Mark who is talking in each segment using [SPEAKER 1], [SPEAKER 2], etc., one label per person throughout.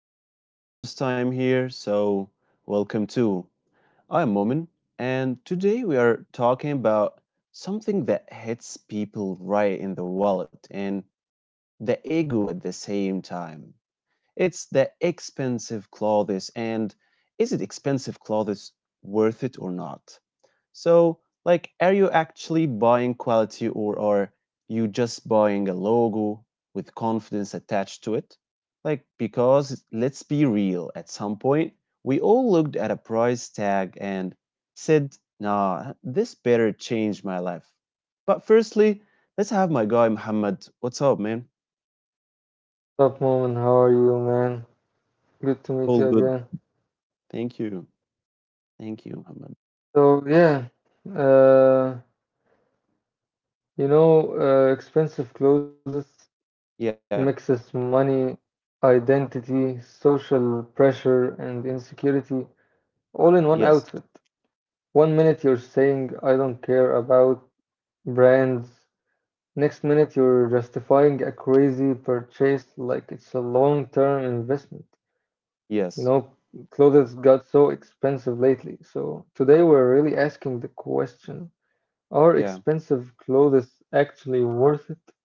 [SPEAKER 1] if it's your first time here, welcome too. I'm Momin, and today we are talking about something that hits people right in the wallet and the ego at the same time. It's the expensive clothes and is it expensive clothes worth it or not? So, like, are you actually buying quality or are you just buying a logo with confidence attached to it? Like, because let's be real, at some point, we all looked at a price tag and said, nah, this better change my life. But firstly, let's have my guy Muhammad. What's up, man?
[SPEAKER 2] Up, Moment. How are you, man? Good to meet you
[SPEAKER 1] All
[SPEAKER 2] again.
[SPEAKER 1] good. Thank you. Thank you, Muhammad.
[SPEAKER 2] So yeah, uh, expensive clothes
[SPEAKER 1] Yeah,
[SPEAKER 2] mixes money, identity, social pressure, and insecurity all in one outfit.
[SPEAKER 1] yes,
[SPEAKER 2] One minute you're saying I don't care about brands, next minute you're justifying a crazy purchase like it's a long-term investment. You know,
[SPEAKER 1] yes,
[SPEAKER 2] clothes got so expensive lately. So today we're really asking the question, are
[SPEAKER 1] yeah,
[SPEAKER 2] expensive clothes actually worth it?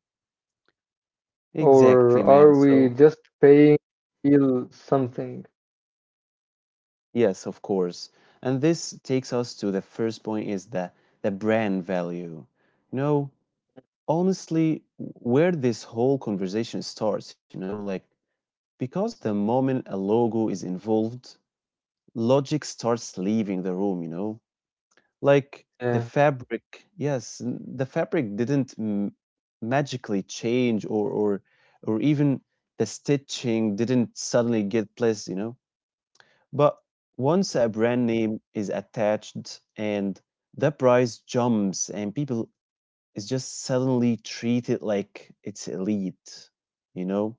[SPEAKER 1] exactly,
[SPEAKER 2] Or
[SPEAKER 1] man.
[SPEAKER 2] are we
[SPEAKER 1] So,
[SPEAKER 2] just paying to feel something?
[SPEAKER 1] yes, of course. And this takes us to the first point is the brand value. You know, honestly, where this whole conversation starts, you know, like because the moment a logo is involved, logic starts leaving the room, you know. Like the
[SPEAKER 2] Yeah.
[SPEAKER 1] fabric, yes, the fabric didn't magically change or or even the stitching didn't suddenly get placed, you know. But once
[SPEAKER 2] Mhm.
[SPEAKER 1] a brand name is attached and the price jumps and people is just suddenly treated like it's elite, you know?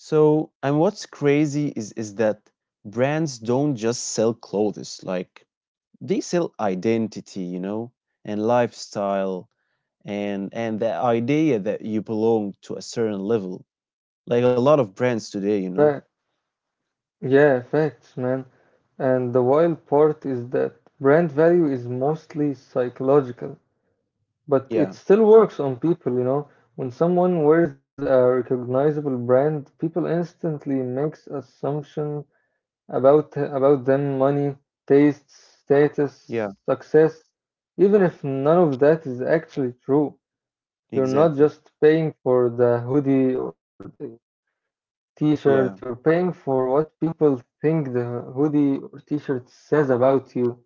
[SPEAKER 1] So, and what's crazy is that brands don't just sell clothes, like they sell identity, you know, and lifestyle, and the idea that you belong to a certain level, like a lot of brands today, you
[SPEAKER 2] Fact.
[SPEAKER 1] know.
[SPEAKER 2] Yeah, facts, man. And the wild part is that brand value is mostly psychological, but it
[SPEAKER 1] Yeah,
[SPEAKER 2] still works on people, you know. When someone wears a recognizable brand, people instantly makes assumption about them, money, taste,
[SPEAKER 1] yeah,
[SPEAKER 2] status, success, even if none of that is actually true. You're not
[SPEAKER 1] exactly.
[SPEAKER 2] just paying for the hoodie or the t-shirt,
[SPEAKER 1] Yeah.
[SPEAKER 2] you're paying for what people think the hoodie or t-shirt says about you.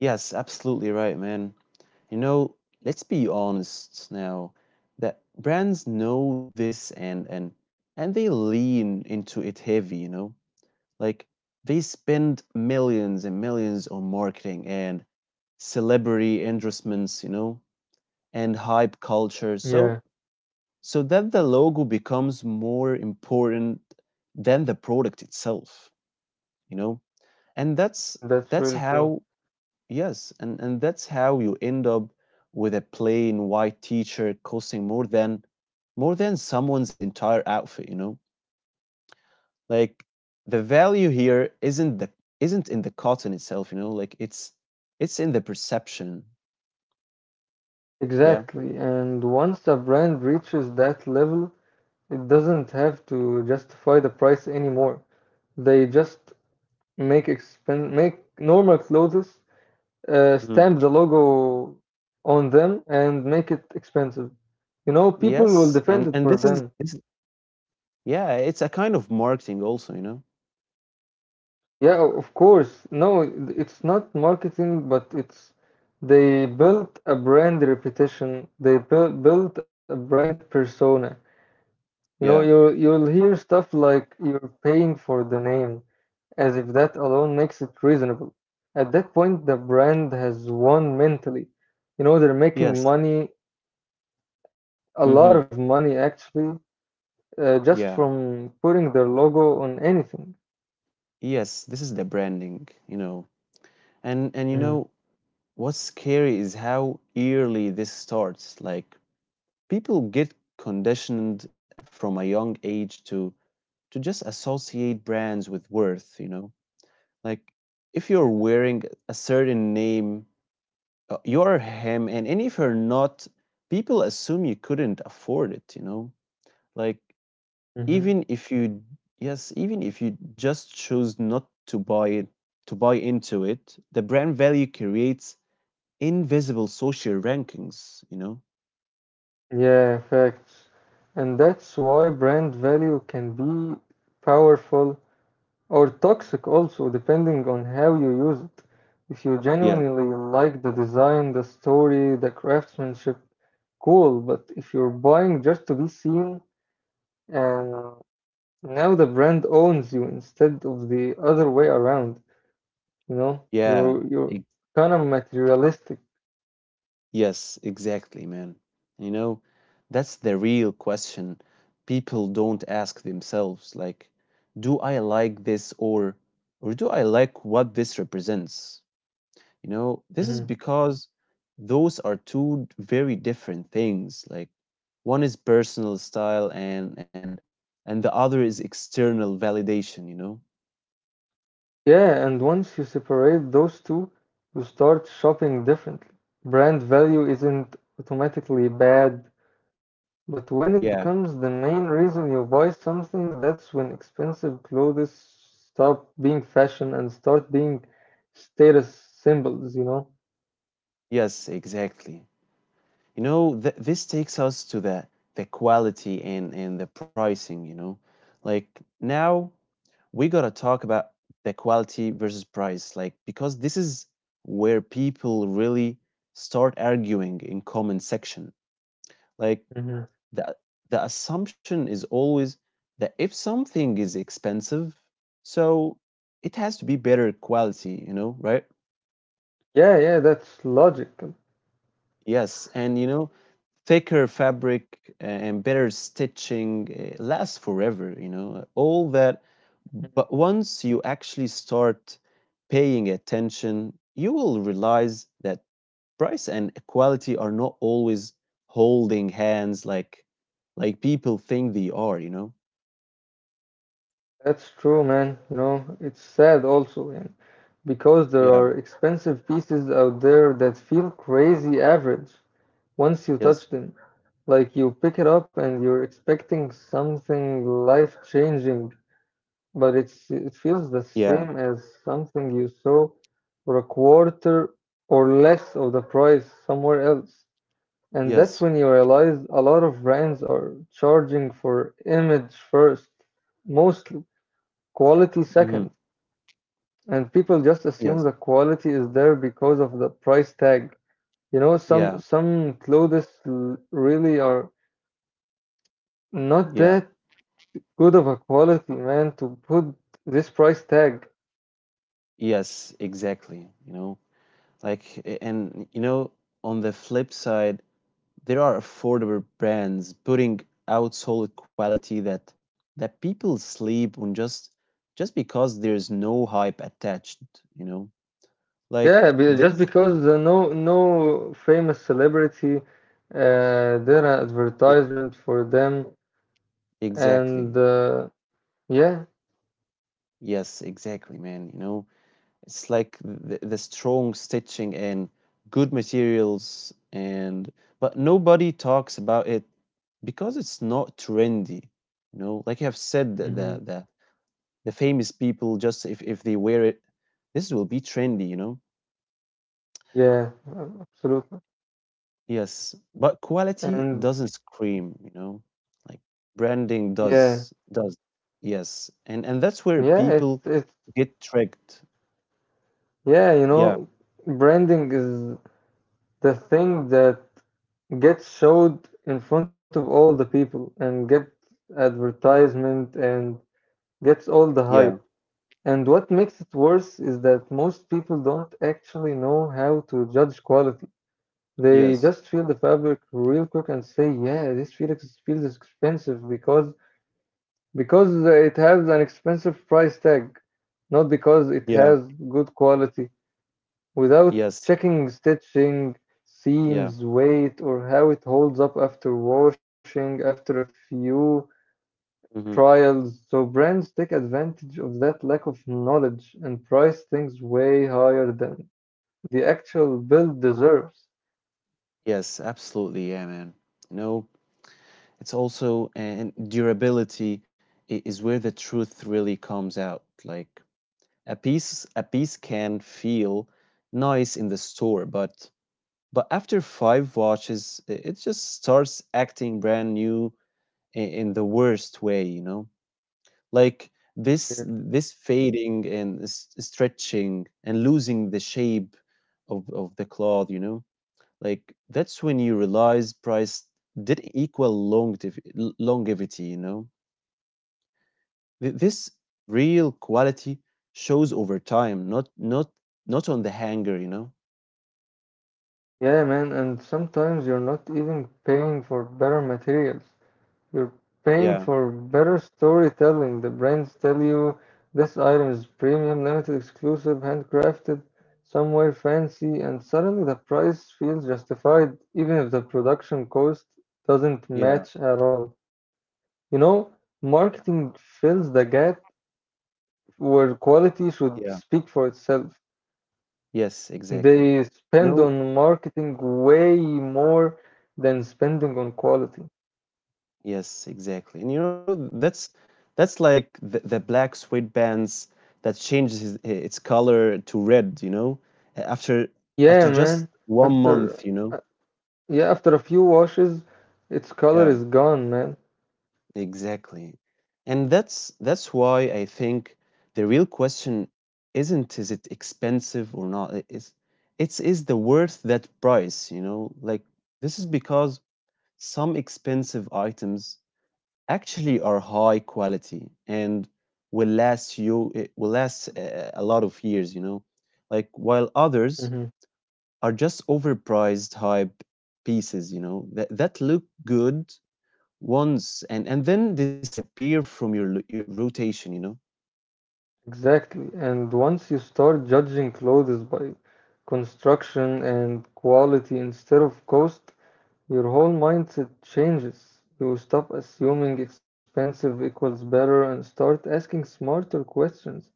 [SPEAKER 1] Yes, absolutely right, man. You know, let's be honest now that brands know this, and they lean into it heavy, you know. Like they spend millions and millions on marketing and celebrity endorsements, you know, and hype culture, so
[SPEAKER 2] Yeah,
[SPEAKER 1] so that the logo becomes more important than the product itself, you know. And
[SPEAKER 2] that's
[SPEAKER 1] that's
[SPEAKER 2] really true.
[SPEAKER 1] how yes, and that's how you end up with a plain white t-shirt costing more than someone's entire outfit, you know. Like the value here isn't in the cotton itself, you know. Like it's in the perception. Yeah.
[SPEAKER 2] Exactly, and once a brand reaches that level, it doesn't have to justify the price anymore. They just make normal clothes, stamp
[SPEAKER 1] Mhm.
[SPEAKER 2] the logo on them and make it expensive. You know, people will
[SPEAKER 1] Yes,
[SPEAKER 2] defend it for
[SPEAKER 1] and this
[SPEAKER 2] them.
[SPEAKER 1] is this yeah, it's a kind of marketing also, you know?
[SPEAKER 2] Yeah, of course. No, it's not marketing, but it's they built a brand reputation. They built a brand persona. You know,
[SPEAKER 1] Yeah.
[SPEAKER 2] you'll hear stuff like you're paying for the name, as if that alone makes it reasonable. At that point, the brand has won mentally. You know, they're making
[SPEAKER 1] Yes.
[SPEAKER 2] money, a lot
[SPEAKER 1] Mm-hmm.
[SPEAKER 2] of money actually, just
[SPEAKER 1] Yeah.
[SPEAKER 2] from putting their logo on anything.
[SPEAKER 1] Yes, this is the branding, you know. And you know
[SPEAKER 2] Mm,
[SPEAKER 1] what's scary is how early this starts. Like people get conditioned from a young age to just associate brands with worth, you know? Like if
[SPEAKER 2] yeah,
[SPEAKER 1] you're wearing a certain name, you're him, and if you're not, people assume you couldn't afford it, you know? Like
[SPEAKER 2] mhm.
[SPEAKER 1] even if you yes, even if you just chose not to buy into it, the brand value creates invisible social rankings, you know.
[SPEAKER 2] Yeah, facts. And that's why brand value can be powerful or toxic also, depending on how you use it. If you
[SPEAKER 1] Yeah.
[SPEAKER 2] genuinely like the design, the story, the craftsmanship, cool. But if you're buying just to be seen, and now the brand owns you instead of the other way around, you know,
[SPEAKER 1] Yeah.
[SPEAKER 2] you're
[SPEAKER 1] e-
[SPEAKER 2] kind of materialistic.
[SPEAKER 1] yes, exactly, man. You know, that's the real question people don't ask themselves. Like, do I like this, or do I like what this represents? You know, this is because those are two very different things. Like one is personal style, and and the other is external validation, you know?
[SPEAKER 2] Yeah, and once you separate those two, you start shopping differently. Brand value isn't automatically bad, but when it becomes
[SPEAKER 1] Yeah.
[SPEAKER 2] the main reason you buy something, that's when expensive clothes stop being fashion and start being status symbols, you know?
[SPEAKER 1] Yes, exactly. You know, th this takes us to the quality and the pricing, you know? Like now we gotta talk about the quality versus price, like because this is where people really start arguing in comment section. Like
[SPEAKER 2] Mhm.
[SPEAKER 1] the the assumption is always that if something is expensive, so it has to be better quality, you know, right?
[SPEAKER 2] Yeah, yeah, that's logical.
[SPEAKER 1] Yes, and you know, thicker fabric and better stitching, lasts forever, you know, all that. But once you actually start paying attention, you will realize that price and quality are not always holding hands like people think they are, you know?
[SPEAKER 2] That's true, man. You know, it's sad also, and because there
[SPEAKER 1] Yeah,
[SPEAKER 2] are expensive pieces out there that feel crazy average once you touch
[SPEAKER 1] yes.
[SPEAKER 2] them. Like you pick it up and you're expecting something life-changing, but it feels the
[SPEAKER 1] Yeah.
[SPEAKER 2] same as something you saw for a quarter or less of the price somewhere else. And that's
[SPEAKER 1] Yes.
[SPEAKER 2] when you realize a lot of brands are charging for image first, mostly quality
[SPEAKER 1] Mhm.
[SPEAKER 2] second, and people just
[SPEAKER 1] Yes.
[SPEAKER 2] assume the quality is there because of the price tag. You know, some
[SPEAKER 1] Yeah.
[SPEAKER 2] some clothes really are not
[SPEAKER 1] Yeah.
[SPEAKER 2] that good of a quality, man, to put this price tag.
[SPEAKER 1] Yes, exactly, you know? Like you know, on the flip side, there are affordable brands putting out solid quality that people sleep on, just because there's no hype attached, you know?
[SPEAKER 2] Yeah,
[SPEAKER 1] Like
[SPEAKER 2] just
[SPEAKER 1] this.
[SPEAKER 2] because no famous celebrity did an
[SPEAKER 1] Yeah.
[SPEAKER 2] advertisement for them and
[SPEAKER 1] Exactly.
[SPEAKER 2] yeah.
[SPEAKER 1] Yes, exactly, man, you know? It's like the strong stitching and good materials and but nobody talks about it because it's not trendy. You know, like you have said that
[SPEAKER 2] Hmm.
[SPEAKER 1] the famous people, just if they wear it, this will be trendy, you know?
[SPEAKER 2] Yeah, absolutely.
[SPEAKER 1] Yes. But quality doesn't
[SPEAKER 2] And
[SPEAKER 1] scream, you know? Like branding
[SPEAKER 2] yeah,
[SPEAKER 1] does. Yes. And that's where
[SPEAKER 2] yeah,
[SPEAKER 1] people
[SPEAKER 2] it's
[SPEAKER 1] get tricked.
[SPEAKER 2] yeah, you
[SPEAKER 1] Yeah.
[SPEAKER 2] know, branding is the thing that gets showed in front of all the people and gets advertisement and gets all the hype.
[SPEAKER 1] Yeah.
[SPEAKER 2] And what makes it worse is that most people don't actually know how to judge quality. They
[SPEAKER 1] Yes.
[SPEAKER 2] just feel the fabric real quick and say, "Yeah, this Felix feels expensive because it has an expensive price tag, not because it
[SPEAKER 1] Yeah.
[SPEAKER 2] has good quality." Without
[SPEAKER 1] Yes.
[SPEAKER 2] checking stitching,
[SPEAKER 1] Yeah.
[SPEAKER 2] seams, weight, or how it holds up after washing after a few
[SPEAKER 1] Hmm.
[SPEAKER 2] trials, so brands take advantage of that lack of knowledge and price things way higher than the actual build deserves.
[SPEAKER 1] Yes, absolutely. Yeah, man. You know, it's also and durability is where the truth really comes out. Like a piece can feel nice in the store, but after five watches, it just starts acting brand new in the worst way, you know? Like this
[SPEAKER 2] Yeah,
[SPEAKER 1] fading and stretching and losing the shape of the cloth, you know? Like that's when you realize price didn't equal longevity, you know. This real quality shows over time, not not on the hanger, you know.
[SPEAKER 2] yeah man, and sometimes you're not even paying for better materials. You're paying
[SPEAKER 1] Yeah,
[SPEAKER 2] for better storytelling. The brands tell you this item is premium, limited, exclusive, handcrafted, somewhere fancy, and suddenly the price feels justified even if the production cost doesn't
[SPEAKER 1] yeah,
[SPEAKER 2] match at all. You know, marketing fills the gap where quality should
[SPEAKER 1] yeah.
[SPEAKER 2] speak for itself.
[SPEAKER 1] Yes, exactly.
[SPEAKER 2] They spend
[SPEAKER 1] No,
[SPEAKER 2] on marketing way more than spending on quality.
[SPEAKER 1] yes, exactly. And you know that's that's like the black sweatbands that changes its color to red, you know, after
[SPEAKER 2] Yeah,
[SPEAKER 1] after
[SPEAKER 2] man.
[SPEAKER 1] just one
[SPEAKER 2] After
[SPEAKER 1] month, you know.
[SPEAKER 2] yeah, after a few washes, its color is
[SPEAKER 1] Yeah.
[SPEAKER 2] gone, man.
[SPEAKER 1] Exactly. And that's why I think the real question isn't is it expensive or not. It's is the worth that price, you know? Like this is because some expensive items actually are high quality and will last you it will last, a lot of years, you know? Like while others
[SPEAKER 2] Hmm.
[SPEAKER 1] are just overpriced hype pieces, you know, that look good once and then disappear from your, your rotation, you know.
[SPEAKER 2] Exactly. And once you start judging clothes by construction and quality instead of cost, your whole mindset changes. You stop assuming expensive equals better and start asking smarter questions.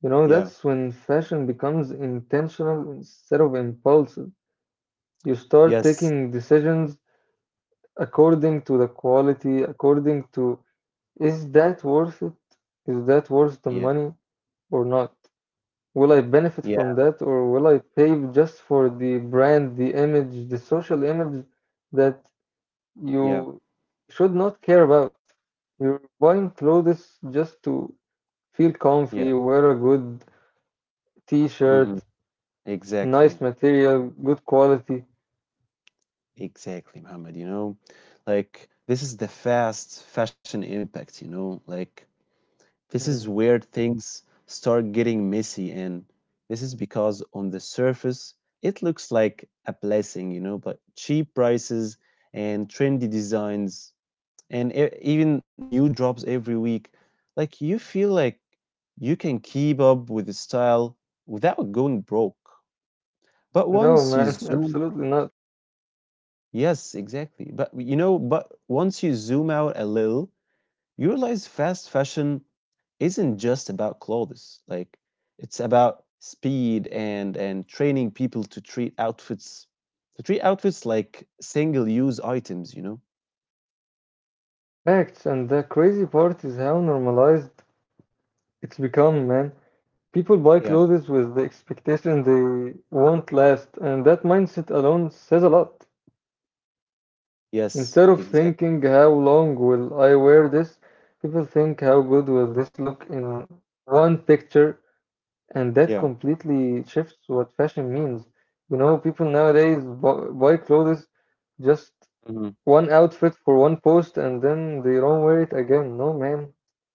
[SPEAKER 2] You know,
[SPEAKER 1] Yeah.
[SPEAKER 2] that's when fashion becomes intentional instead of impulsive. You start
[SPEAKER 1] Yes.
[SPEAKER 2] taking decisions according to the quality, according to, is that worth it? Is that worth the
[SPEAKER 1] Yeah.
[SPEAKER 2] money or not? Will I benefit
[SPEAKER 1] Yeah.
[SPEAKER 2] from that or will I pay just for the brand, the image, the social image that
[SPEAKER 1] Yeah.
[SPEAKER 2] you should not care about? You're buying clothes just to feel comfy,
[SPEAKER 1] Yeah.
[SPEAKER 2] wear a good t-shirt,
[SPEAKER 1] Hmm.
[SPEAKER 2] nice
[SPEAKER 1] Exactly.
[SPEAKER 2] material, good quality.
[SPEAKER 1] Exactly, Muhammad, you know. Like this is the fast fashion impact, you know. Like this is
[SPEAKER 2] Mm.
[SPEAKER 1] where things start getting messy, and this is because on the surface it looks like a blessing, you know, but cheap prices and trendy designs and even new drops every week, like you feel like you can keep up with the style without going broke. But
[SPEAKER 2] No, man,
[SPEAKER 1] once you zoom
[SPEAKER 2] absolutely not.
[SPEAKER 1] yes exactly but you know but once you zoom out a little, you realize fast fashion isn't just about clothes. Like it's about speed, and training people to treat outfits like single use items, you know.
[SPEAKER 2] Facts, and the crazy part is how normalized it's become, man. People buy
[SPEAKER 1] Yeah.
[SPEAKER 2] clothes with the expectation they won't last, and that mindset alone says a lot.
[SPEAKER 1] Yes,
[SPEAKER 2] Instead of
[SPEAKER 1] exactly.
[SPEAKER 2] thinking, how long will I wear this, people think, how good will this look in one picture, and that
[SPEAKER 1] Yeah.
[SPEAKER 2] completely shifts what fashion means. You know, people nowadays buy clothes just one outfit for one post and then they don't wear it again. No, man,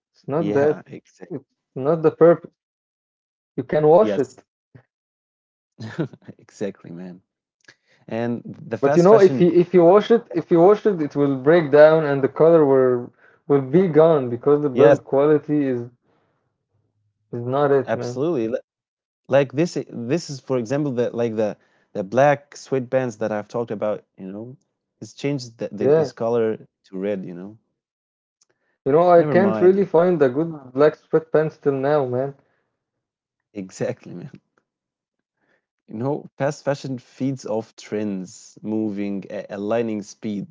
[SPEAKER 2] it's not that,
[SPEAKER 1] Yeah, exactly.
[SPEAKER 2] it's not the purpose. You can wash it.
[SPEAKER 1] Yes, exactly, man. And the
[SPEAKER 2] But you know,
[SPEAKER 1] fast fashion,
[SPEAKER 2] if you wash it, if you wash it, it will break down and the color will be gone because the
[SPEAKER 1] yes,
[SPEAKER 2] build quality is not it, man.
[SPEAKER 1] absolutely. Like this, this is for example the like the black sweatbands that I've talked about. You know, it's changed the, its
[SPEAKER 2] Yeah.
[SPEAKER 1] color to red. You know,
[SPEAKER 2] You know,
[SPEAKER 1] never
[SPEAKER 2] I can't
[SPEAKER 1] mind.
[SPEAKER 2] really find a good black sweatpants till now, man.
[SPEAKER 1] Exactly, man. You know, fast fashion feeds off trends, moving, aligning speed.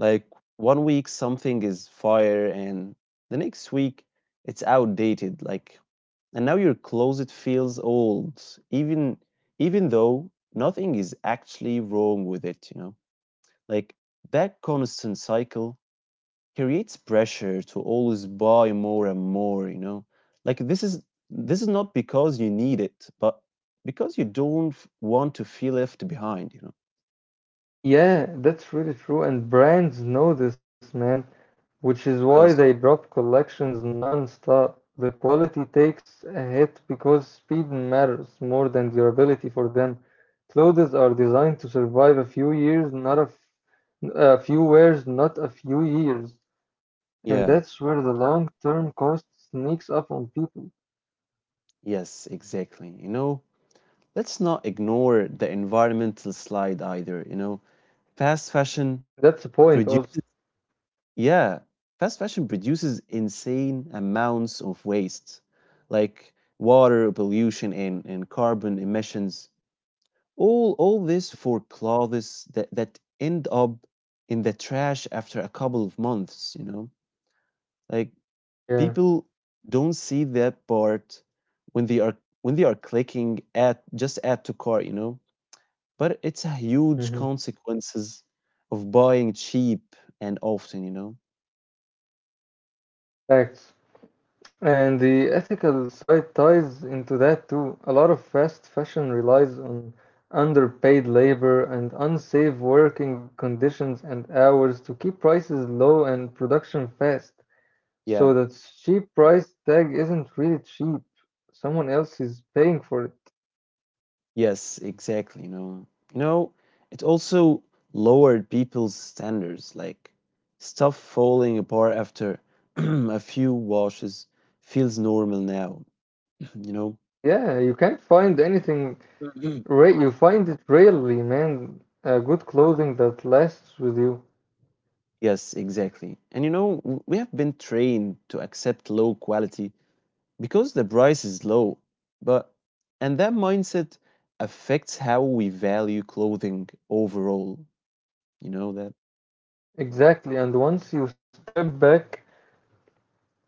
[SPEAKER 1] Like 1 week something is fire, and the next week it's outdated. Like and now your closet feels old, even even though nothing is actually wrong with it, you know. Like that constant cycle creates pressure to always buy more and more, you know. Like this is not because you need it, but because you don't want to feel left behind, you know.
[SPEAKER 2] Yeah, that's really true, and brands know this, man, which is why
[SPEAKER 1] Yes.
[SPEAKER 2] they drop collections non-stop. The quality takes a hit because speed matters more than durability for them. Clothes are designed to survive a few years, not a few wears, not a few years. And that's
[SPEAKER 1] Yeah.
[SPEAKER 2] where the long-term cost sneaks up on people.
[SPEAKER 1] Yes, exactly. You know, let's not ignore the environmental slide either, you know. Fast
[SPEAKER 2] That's
[SPEAKER 1] fashion
[SPEAKER 2] the point also.
[SPEAKER 1] produces Yeah, fast fashion produces insane amounts of waste, like water pollution and carbon emissions. All this for clothes that, that end up in the trash after a couple of months, you know? Like
[SPEAKER 2] Yeah.
[SPEAKER 1] people don't see that part when they are when they are clicking at just add to cart, you know? But it's a
[SPEAKER 2] Hmm.
[SPEAKER 1] huge consequences of buying cheap and often, you know?
[SPEAKER 2] Facts. And the ethical side ties into that too. A lot of fast fashion relies on underpaid labor and unsafe working conditions and hours to keep prices low and production fast. So
[SPEAKER 1] Yeah.
[SPEAKER 2] that cheap price tag isn't really cheap. Someone else is paying for it.
[SPEAKER 1] Yes, exactly. You know, it also lowered people's standards, like stuff falling apart after a few washes feels normal now. You know.
[SPEAKER 2] Yeah, you can't find anything
[SPEAKER 1] Mhm.
[SPEAKER 2] right. You find it rarely, man. Good clothing that lasts with you.
[SPEAKER 1] Yes, exactly. And you know, we have been trained to accept low quality because the price is low. But and that mindset affects how we value clothing overall. You know that?
[SPEAKER 2] Exactly. And once you step back,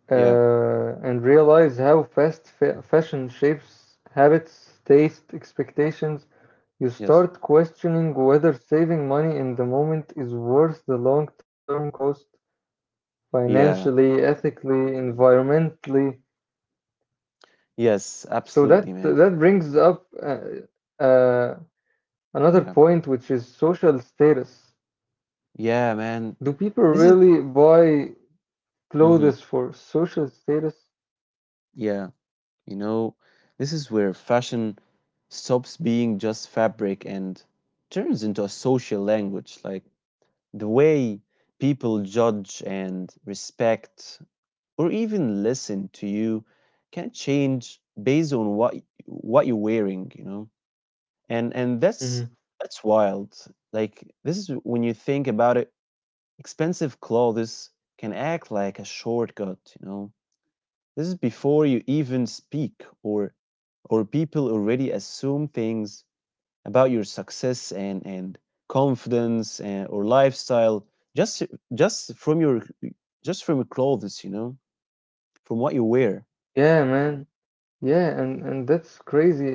[SPEAKER 1] Yeah.
[SPEAKER 2] and realize how fashion shapes habits, taste, expectations, you
[SPEAKER 1] Yes.
[SPEAKER 2] start questioning whether saving money in the moment is worth the long term cost
[SPEAKER 1] Yeah.
[SPEAKER 2] financially, ethically, environmentally.
[SPEAKER 1] Yes,
[SPEAKER 2] So
[SPEAKER 1] absolutely,
[SPEAKER 2] that
[SPEAKER 1] man.
[SPEAKER 2] that brings up another
[SPEAKER 1] Yeah.
[SPEAKER 2] point, which is social status.
[SPEAKER 1] Yeah, man.
[SPEAKER 2] Do people
[SPEAKER 1] This is
[SPEAKER 2] really buy clothes
[SPEAKER 1] hmm.
[SPEAKER 2] for social status?
[SPEAKER 1] Yeah. You know, this is where fashion stops being just fabric and turns into a social language, like the way people judge and respect or even listen to you can change based on what what you're wearing, you know. And and that's
[SPEAKER 2] Hmm.
[SPEAKER 1] that's wild. Like this is when you think about it, expensive clothes can act like a shortcut, you know. This is before you even speak, or people already assume things about your success and confidence, and or lifestyle, just just from your just from your clothes, you know, from what you wear.
[SPEAKER 2] Yeah, man. Yeah, and that's crazy,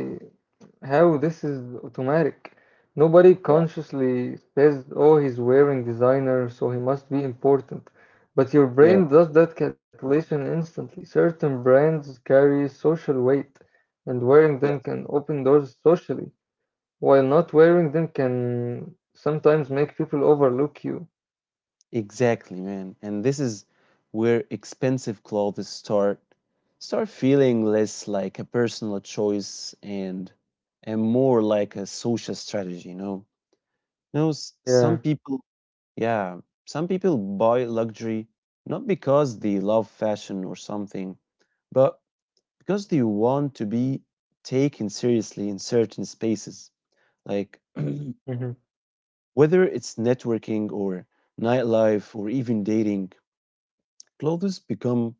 [SPEAKER 2] how this is automatic. Nobody
[SPEAKER 1] Yeah,
[SPEAKER 2] consciously says, oh, he's wearing designer, so he must be important. But your
[SPEAKER 1] yeah,
[SPEAKER 2] brain does that calculation instantly. Certain brands carry social weight, and wearing them
[SPEAKER 1] yeah.
[SPEAKER 2] can open doors socially, while not wearing them can sometimes make people overlook you.
[SPEAKER 1] Exactly, man. And this is where expensive clothes start feeling less like a personal choice and more like a social strategy, you know. You know, s- some
[SPEAKER 2] Yeah.
[SPEAKER 1] people Yeah, some people buy luxury not because they love fashion or something, but because they want to be taken seriously in certain spaces, like
[SPEAKER 2] Hmm.
[SPEAKER 1] whether it's networking or nightlife or even dating. Clothes become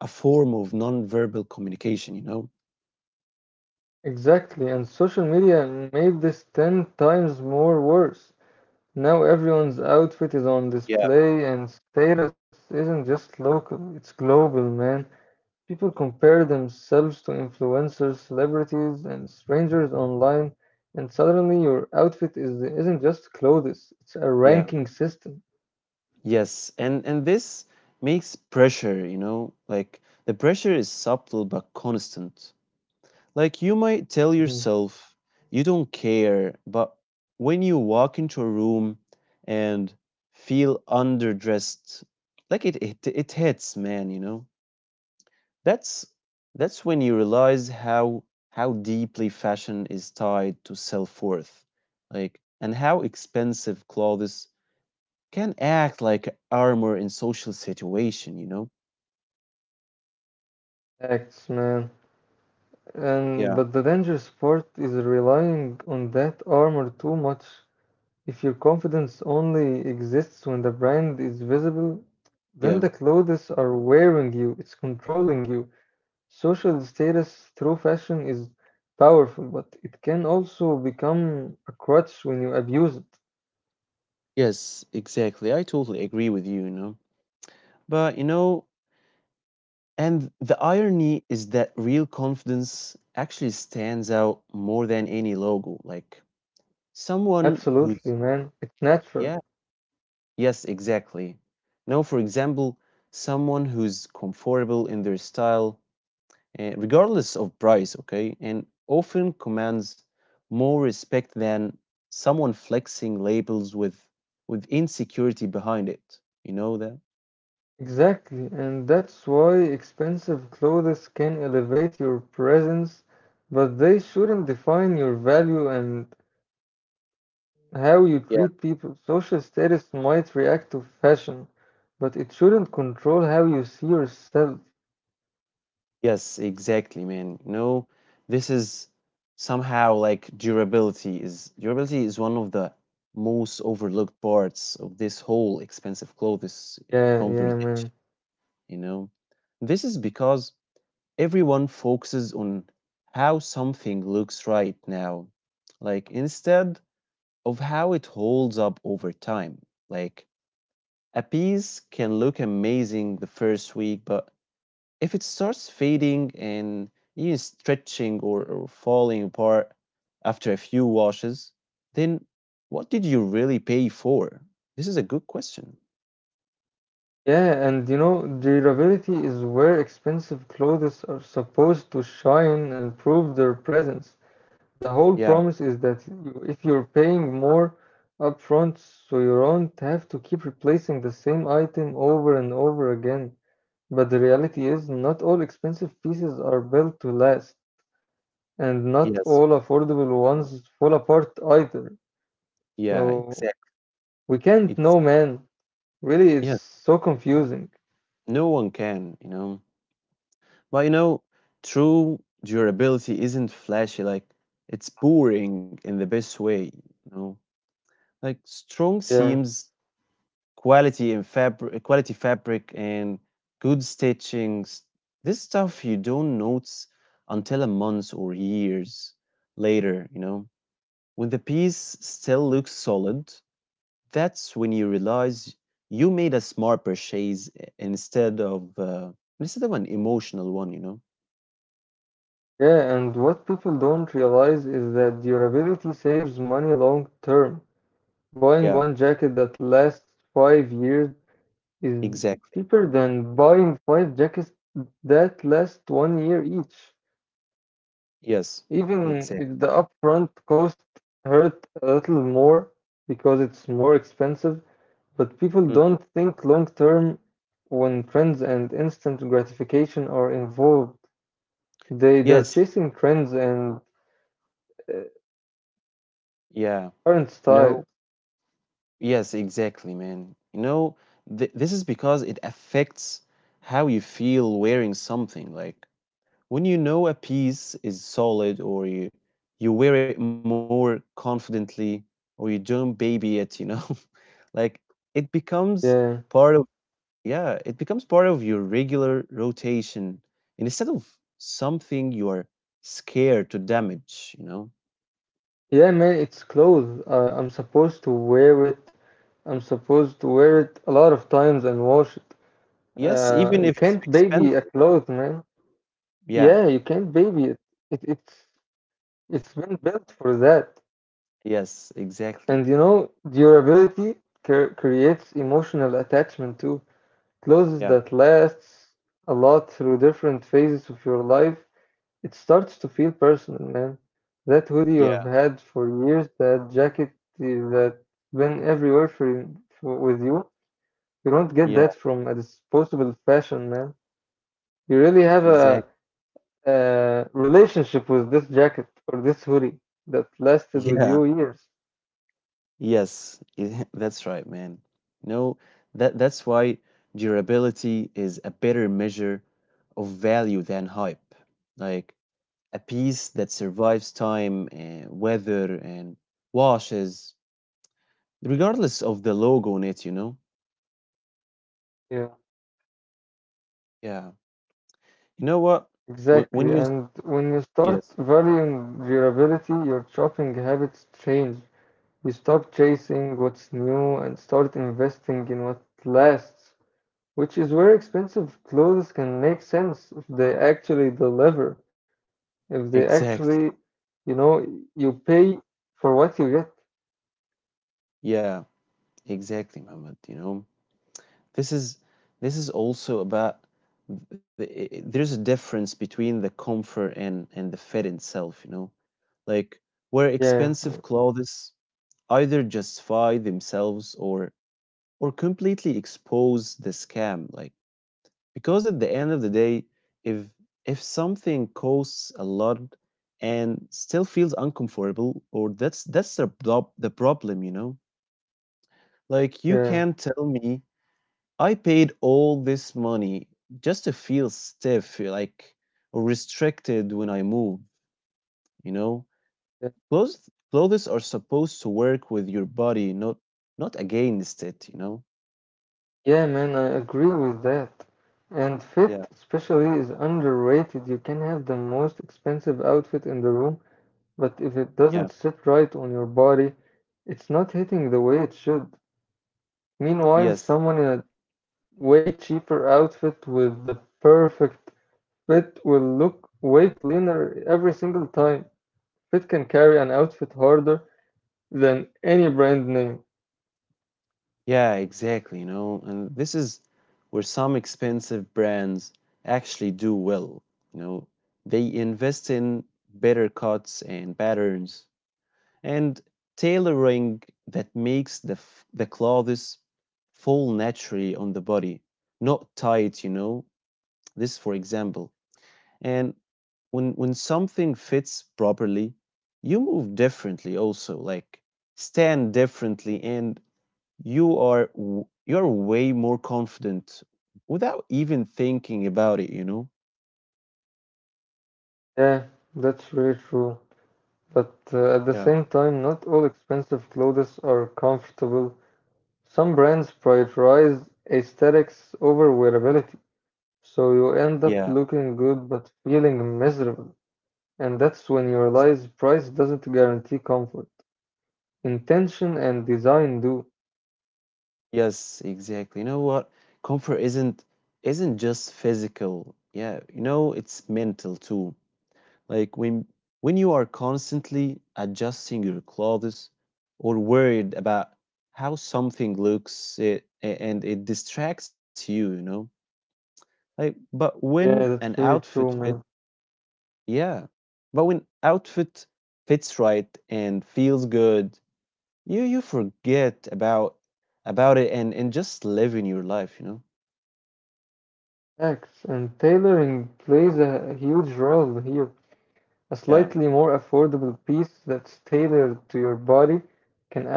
[SPEAKER 1] a form of nonverbal communication, you know?
[SPEAKER 2] Exactly, and social media made this 10 times more worse. Now everyone's outfit is on
[SPEAKER 1] Yeah.
[SPEAKER 2] display, and status isn't just local, it's global, man. People compare themselves to influencers, celebrities, and strangers online, and suddenly your outfit isn't just clothes, it's a
[SPEAKER 1] Yeah.
[SPEAKER 2] ranking system.
[SPEAKER 1] Yes, and this makes pressure, you know? Like the pressure is subtle but constant. Like you might tell
[SPEAKER 2] Mhm.
[SPEAKER 1] yourself you don't care, but when you walk into a room and feel underdressed, like it hits, man, you know. That's that's when you realize how deeply fashion is tied to self-worth. Like and how expensive clothes can act like armor in social situation, you know.
[SPEAKER 2] Facts, man. And but
[SPEAKER 1] Yeah,
[SPEAKER 2] the dangerous part is relying on that armor too much. If your confidence only exists when the brand is visible, then
[SPEAKER 1] yeah.
[SPEAKER 2] the clothes are wearing you, it's controlling you. Social status through fashion is powerful, but it can also become a crutch when you abuse it.
[SPEAKER 1] Yes, exactly. I totally agree with you, you know. But you know, and the irony is that real confidence actually stands out more than any logo. Like someone
[SPEAKER 2] Absolutely,
[SPEAKER 1] who's,
[SPEAKER 2] man. It's
[SPEAKER 1] yeah,
[SPEAKER 2] natural.
[SPEAKER 1] yes, exactly. Now, for example, someone who's comfortable in their style, regardless of price, okay, and often commands more respect than someone flexing labels with insecurity behind it. You know that?
[SPEAKER 2] Exactly, and that's why expensive clothes can elevate your presence, but they shouldn't define your value and how you treat people. Social status might react to fashion, but it shouldn't control how you see yourself.
[SPEAKER 1] Yes, exactly, man. No, this is somehow like durability is one of the most overlooked parts of this whole expensive clothes
[SPEAKER 2] Yeah, yeah, man.
[SPEAKER 1] conversation, you know. This is because everyone focuses on how something looks right now, like instead of how it holds up over time. Like a piece can look amazing the first week, but if it starts fading and even stretching or falling apart after a few washes, then what did you really pay for? This is a good question.
[SPEAKER 2] Yeah, and you know, durability is where expensive clothes are supposed to shine and prove their presence. The whole
[SPEAKER 1] Yeah.
[SPEAKER 2] promise is that if you're paying more upfront, so you don't have to keep replacing the same item over and over again. But the reality is, not all expensive pieces are built to last, and not
[SPEAKER 1] Yes.
[SPEAKER 2] all affordable ones fall apart either.
[SPEAKER 1] Yeah.
[SPEAKER 2] So
[SPEAKER 1] Exactly.
[SPEAKER 2] we can't
[SPEAKER 1] It's
[SPEAKER 2] know, man. Really, it's
[SPEAKER 1] yes.
[SPEAKER 2] so confusing.
[SPEAKER 1] No one can, you know. But you know, true durability isn't flashy. Like it's boring in the best way. You know, like strong
[SPEAKER 2] Yeah,
[SPEAKER 1] seams, quality fabric and good stitchings, this stuff you don't notice until a month or years later, you know, when the piece still looks solid, that's when you realize you made a smart purchase instead of uh, instead of an emotional one, you know.
[SPEAKER 2] yeah, and what people don't realize is that durability saves money long term. Buying
[SPEAKER 1] Yeah,
[SPEAKER 2] one jacket that lasts five years is
[SPEAKER 1] exactly.
[SPEAKER 2] cheaper than buying five jackets that last one year each.
[SPEAKER 1] Yes,
[SPEAKER 2] Even
[SPEAKER 1] exactly.
[SPEAKER 2] if the upfront cost hurt a little more because it's more expensive, but people
[SPEAKER 1] Mhm.
[SPEAKER 2] don't think long term when trends and instant gratification are involved. They're
[SPEAKER 1] Yes,
[SPEAKER 2] chasing trends and uh,
[SPEAKER 1] yeah,
[SPEAKER 2] current style.
[SPEAKER 1] no. Yes, exactly, man. You know, this is because it affects how you feel wearing something. Like when you know a piece is solid, or you wear it more confidently, or you don't baby it. You know, like it becomes
[SPEAKER 2] Yeah,
[SPEAKER 1] part of yeah, it becomes part of your regular rotation instead of something you are scared to damage. You know,
[SPEAKER 2] yeah, man. It's clothes. I'm supposed to wear it. I'm supposed to wear it a lot of times and wash it.
[SPEAKER 1] yes, even
[SPEAKER 2] You
[SPEAKER 1] if it's
[SPEAKER 2] can't baby a
[SPEAKER 1] expensive.
[SPEAKER 2] cloth, man.
[SPEAKER 1] Yeah.
[SPEAKER 2] Yeah, you can't baby it. It it's it's been built for that.
[SPEAKER 1] Yes, exactly.
[SPEAKER 2] And you know, durability creates emotional attachment too. Clothes
[SPEAKER 1] Yeah.
[SPEAKER 2] that lasts a lot through different phases of your life, it starts to feel personal, man. That hoodie you have had for years, that jacket that been everywhere for with you, you don't get
[SPEAKER 1] Yeah,
[SPEAKER 2] that from a disposable fashion, man. You really have
[SPEAKER 1] exactly.
[SPEAKER 2] a relationship with this jacket or this hoodie that lasted with
[SPEAKER 1] Yeah,
[SPEAKER 2] you years.
[SPEAKER 1] yes, yeah, that's right, man. No, that's why durability is a better measure of value than hype. Like a piece that survives time and weather and washes, regardless of the logo on it, you know?
[SPEAKER 2] Yeah,
[SPEAKER 1] Yeah. You know what? When,
[SPEAKER 2] exactly.
[SPEAKER 1] when you, s-
[SPEAKER 2] And when you start
[SPEAKER 1] yes,
[SPEAKER 2] valuing durability, your shopping habits change. We stop chasing what's new and start investing in what lasts, which is where expensive clothes can make sense if they actually deliver, if they actually,
[SPEAKER 1] exactly.
[SPEAKER 2] you know, you pay for what you get.
[SPEAKER 1] Yeah, exactly, Muhammad, you know? This is this is also about there's a difference between the comfort and the fit itself, you know. Like where
[SPEAKER 2] Yeah,
[SPEAKER 1] expensive clothes either justify themselves or completely expose the scam. Like because at the end of the day, if if something costs a lot and still feels uncomfortable, or that's the problem, you know. Like you
[SPEAKER 2] yeah,
[SPEAKER 1] can't tell me I paid all this money just to feel stiff, like or restricted when I move, you know?
[SPEAKER 2] yeah,
[SPEAKER 1] Clothes are supposed to work with your body, not against it, you know?
[SPEAKER 2] yeah, man, I agree with that. And
[SPEAKER 1] Yeah,
[SPEAKER 2] fit, especially, is underrated. You can have the most expensive outfit in the room, but if it
[SPEAKER 1] yeah,
[SPEAKER 2] doesn't sit right on your body, it's not hitting the way it should.
[SPEAKER 1] yes.
[SPEAKER 2] Meanwhile, someone in a way cheaper outfit with the perfect fit will look way cleaner every single time. Fit can carry an outfit harder than any brand name.
[SPEAKER 1] Yeah, exactly, you know. And this is where some expensive brands actually do well, you know. They invest in better cuts and patterns and tailoring that makes the clothes fall naturally on the body, not tight, you know. This for example. And when something fits properly, you move differently also, like stand differently, and you're way more confident without even thinking about it, you know?
[SPEAKER 2] Yeah, that's really true. But at the same
[SPEAKER 1] Yeah.
[SPEAKER 2] time, not all expensive clothes are comfortable. Some brands prioritize aesthetics over wearability, so you end up
[SPEAKER 1] Yeah.
[SPEAKER 2] looking good but feeling miserable. And that's when you realize price doesn't guarantee comfort. Intention and design do.
[SPEAKER 1] Yes, exactly. You know what? Comfort isn't just physical. Yeah, you know, it's mental too. Like when you are constantly adjusting your clothes or worried about how something looks, and it distracts you, you know. Like but
[SPEAKER 2] Yeah,
[SPEAKER 1] when
[SPEAKER 2] that's
[SPEAKER 1] an
[SPEAKER 2] really true,
[SPEAKER 1] outfit
[SPEAKER 2] man.
[SPEAKER 1] fit, yeah. But when outfit fits right and feels good, you forget about it and just live in your life, you know.
[SPEAKER 2] Facts. And tailoring plays a huge role here. A
[SPEAKER 1] Yeah,
[SPEAKER 2] slightly more affordable piece that's tailored to your body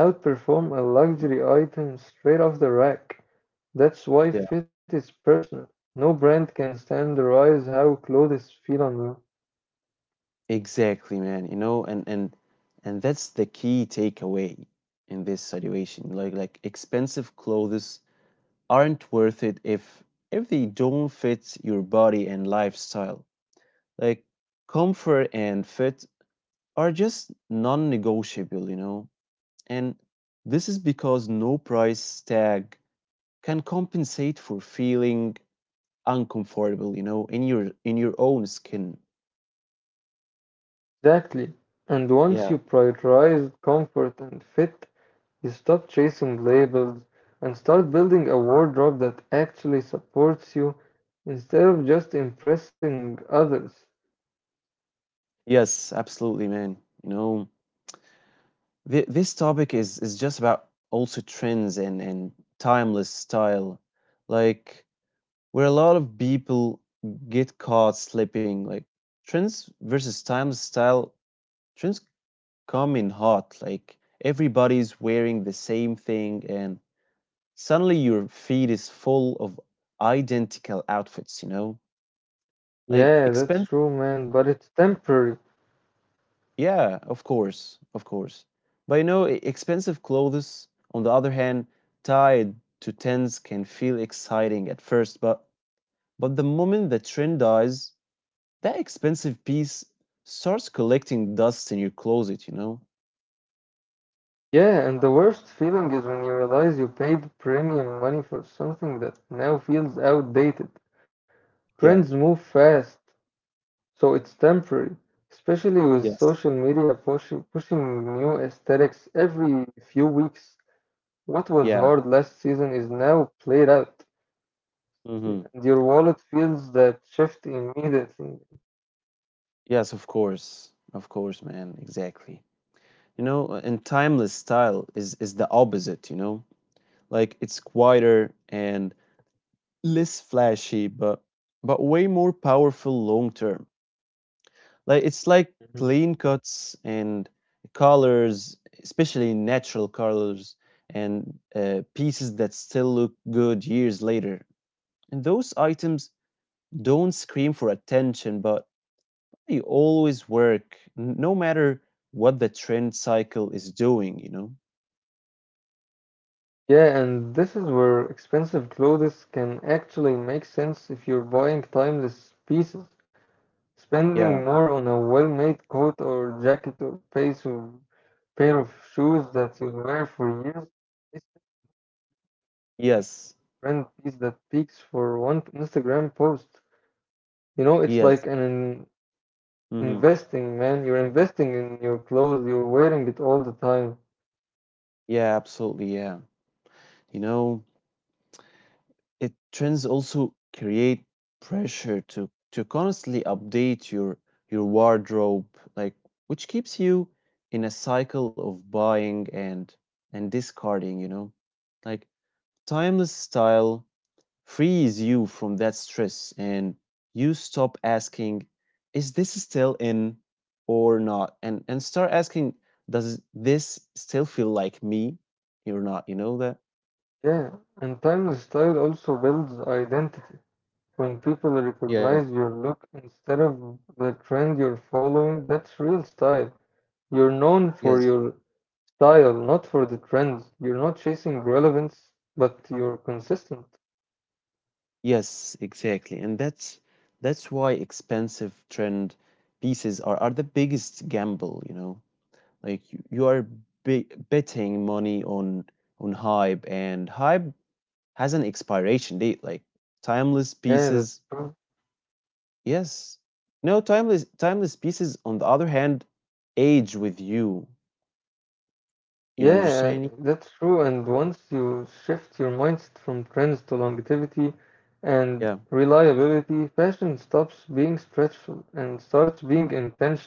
[SPEAKER 2] can outperform a luxury item straight off the rack.
[SPEAKER 1] yeah,
[SPEAKER 2] That's why fit is personal. No brand can standardize how clothes feel on you.
[SPEAKER 1] exactly, man. You know, and that's the key takeaway in this situation. Like expensive clothes aren't worth it if they don't fit your body and lifestyle. Like comfort and fit are just non-negotiable, you know. And this is because no price tag can compensate for feeling uncomfortable, you know, in your own skin.
[SPEAKER 2] Exactly. And once you prioritize comfort and fit, you stop chasing labels and start building a wardrobe that actually supports you instead of just impressing others.
[SPEAKER 1] Yes, absolutely, man. You know, this topic is just about also trends and timeless style, like where a lot of people get caught slipping. Like trends versus timeless style. Trends come in hot. Like everybody's wearing the same thing, and suddenly your feed is full of identical outfits. You know, like
[SPEAKER 2] Yeah, that's true, man, but it's temporary.
[SPEAKER 1] yeah, of course, of course. But you know, expensive clothes, on the other hand, tied to trends can feel exciting at first, but the moment the trend dies, that expensive piece starts collecting dust in your closet, you know?
[SPEAKER 2] Yeah, and the worst feeling is when you realize you paid premium money for something that now feels outdated.
[SPEAKER 1] Yeah,
[SPEAKER 2] Trends move fast, so it's temporary, especially with
[SPEAKER 1] yes.
[SPEAKER 2] social media pushing new aesthetics every few weeks. What was
[SPEAKER 1] Yeah.
[SPEAKER 2] hard last season is now played out. Yeah,
[SPEAKER 1] Mm-hmm.
[SPEAKER 2] and your wallet feels that shift immediately.
[SPEAKER 1] Yes, of course. Of course, man. Exactly. You know, and timeless style is the opposite, you know? Like it's quieter and less flashy, but way more powerful long term. Like it's like
[SPEAKER 2] Mhm.
[SPEAKER 1] clean cuts and colors, especially natural colors and pieces that still look good years later. And those items don't scream for attention, but they always work, no matter what the trend cycle is doing. You know?
[SPEAKER 2] Yeah, and this is where expensive clothes can actually make sense if you're buying timeless pieces. Spending
[SPEAKER 1] Yeah.
[SPEAKER 2] more on a well-made coat or jacket or pace of pair of shoes that you'll wear for years is a
[SPEAKER 1] Yes.
[SPEAKER 2] brand piece that peaks for one Instagram post. You know, it's
[SPEAKER 1] Yes.
[SPEAKER 2] like an
[SPEAKER 1] Hmm.
[SPEAKER 2] investing, man. You're investing in your clothes. You're wearing it all the time.
[SPEAKER 1] Yeah. Absolutely. Yeah. You know. It, trends also create pressure to constantly update your wardrobe, like which keeps you in a cycle of buying and discarding, you know. Like timeless style frees you from that stress, and you stop asking, is this still in or not? And start asking, does this still feel like me or not? You know that?
[SPEAKER 2] Yeah, and timeless style also builds identity. When
[SPEAKER 1] Yes,
[SPEAKER 2] people recognize your look instead of the trend you're following, that's real style. You're known
[SPEAKER 1] yes.
[SPEAKER 2] for your style, not for the trends. You're not chasing relevance, but you're consistent.
[SPEAKER 1] Yes, exactly. And that's why expensive trend pieces are the biggest gamble, you know. Like you are be betting money on hype, and hype has an expiration date like timeless
[SPEAKER 2] Yeah,
[SPEAKER 1] pieces.
[SPEAKER 2] that's true.
[SPEAKER 1] Yes. No, timeless pieces on the other hand age with you. You know,
[SPEAKER 2] Yeah,
[SPEAKER 1] understand me?
[SPEAKER 2] that's true. And once you shift your mindset from trends to longevity and
[SPEAKER 1] Yeah.
[SPEAKER 2] reliability, fashion stops being stretchful and starts being intentional.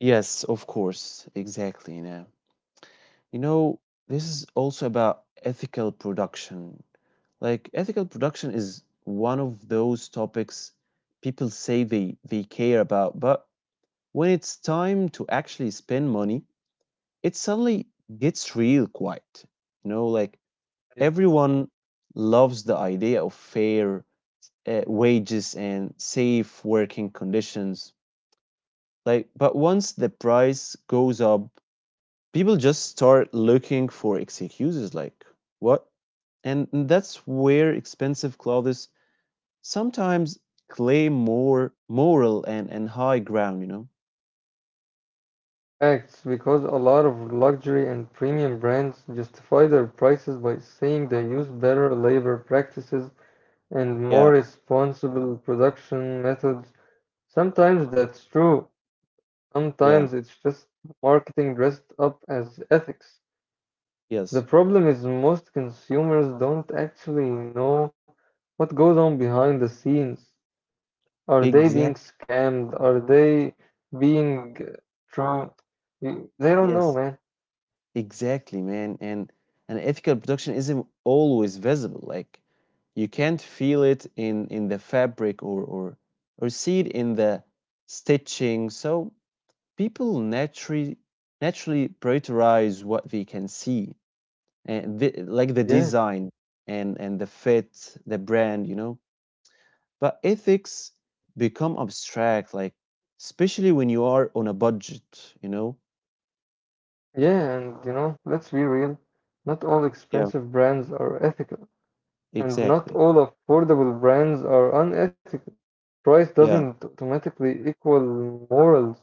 [SPEAKER 1] Yes, of course. Exactly. Yeah. You know, this is also about ethical production. Like ethical production is one of those topics people say they care about, but when it's time to actually spend money, it suddenly gets real quiet, you know, like
[SPEAKER 2] Yeah.
[SPEAKER 1] everyone loves the idea of fair, wages and safe working conditions, like but once the price goes up, people just start looking for excuses, like what. And that's where expensive clothes sometimes claim more moral and high ground, you know?
[SPEAKER 2] Facts, because a lot of luxury and premium brands justify their prices by saying they use better labor practices and
[SPEAKER 1] Yeah,
[SPEAKER 2] more responsible production methods. Sometimes that's true, sometimes
[SPEAKER 1] yeah,
[SPEAKER 2] it's just marketing dressed up as ethics. The
[SPEAKER 1] yes.
[SPEAKER 2] problem is most consumers don't actually know what goes on behind the scenes. Are they being
[SPEAKER 1] Exactly,
[SPEAKER 2] scammed? Are they being tra- they don't know,
[SPEAKER 1] yes.
[SPEAKER 2] man.
[SPEAKER 1] Exactly, man. And ethical production isn't always visible. Like you can't feel it in the fabric, or see it in the stitching. So people naturally prioritize what they can see. And like the
[SPEAKER 2] Yeah,
[SPEAKER 1] design, and the fit, the brand, you know? But ethics become abstract, like especially when you are on a budget, you know.
[SPEAKER 2] yeah, and you know, let's be real. Not all
[SPEAKER 1] Yeah,
[SPEAKER 2] expensive brands are ethical, and not
[SPEAKER 1] exactly.
[SPEAKER 2] all affordable brands are unethical. Price
[SPEAKER 1] Yeah,
[SPEAKER 2] doesn't automatically equal morals.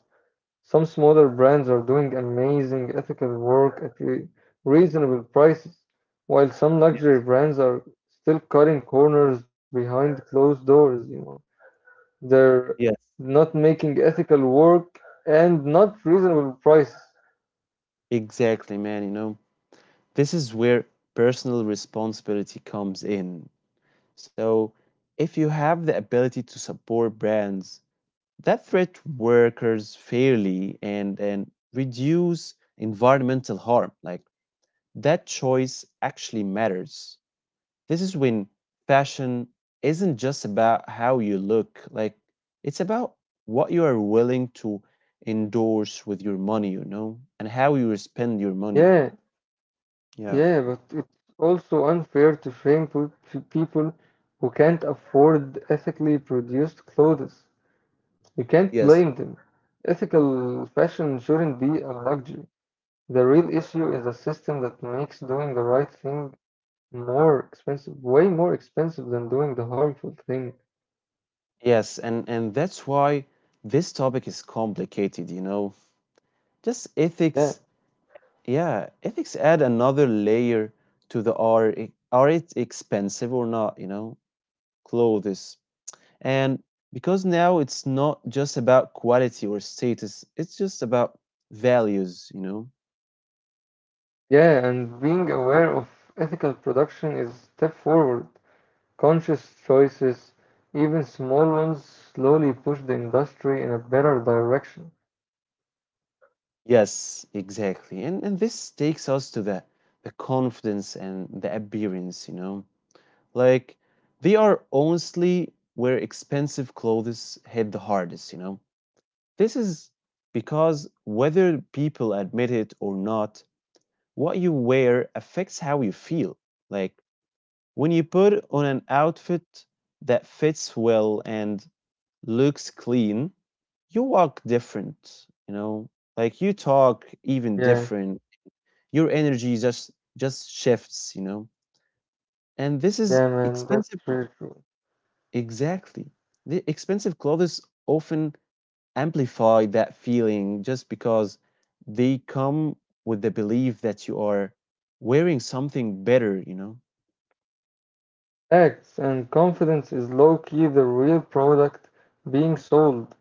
[SPEAKER 2] Some smaller brands are doing amazing ethical work at reasonable prices, while
[SPEAKER 1] yeah.
[SPEAKER 2] some luxury brands are still cutting corners behind closed doors, you know. They're
[SPEAKER 1] Yes.
[SPEAKER 2] not making ethical work and not reasonable prices.
[SPEAKER 1] Exactly, man, you know, this is where personal responsibility comes in. So if you have the ability to support brands that threat workers fairly and reduce environmental harm, like that choice actually matters. This is when fashion isn't just about how you look, like it's about what you are willing to endorse with your money, you know, and how you spend your money.
[SPEAKER 2] Yeah,
[SPEAKER 1] Yeah.
[SPEAKER 2] yeah, but it's also unfair to shame people who can't afford ethically produced clothes. You can't
[SPEAKER 1] Yes.
[SPEAKER 2] blame them. Ethical fashion shouldn't be a luxury. The real issue is a system that makes doing the right thing more expensive, way more expensive than doing the harmful thing.
[SPEAKER 1] Yes, and that's why this topic is complicated, you know. Just
[SPEAKER 2] Yeah,
[SPEAKER 1] ethics, yeah, ethics add another layer to the, are are it expensive or not, you know, clothes. And because now it's not just about quality or status, it's just about values, you know?
[SPEAKER 2] yeah, and being aware of ethical production is a step forward. Conscious choices, even small ones, slowly push the industry in a better direction.
[SPEAKER 1] Yes, exactly. And this takes us to the confidence and the appearance, you know? Like they are honestly where expensive clothes hit the hardest, you know? This is because whether people admit it or not, what you wear affects how you feel. Like when you put on an outfit that fits well and looks clean, you walk different, you know? Like you talk
[SPEAKER 2] Yeah,
[SPEAKER 1] even different. Your energy just shifts, you know? And this
[SPEAKER 2] yeah,
[SPEAKER 1] is
[SPEAKER 2] man, that's
[SPEAKER 1] expensive
[SPEAKER 2] really true.
[SPEAKER 1] exactly. The expensive clothes often amplify that feeling just because they come with the belief that you are wearing something better, you know?
[SPEAKER 2] Acts and confidence is low key the real product being sold.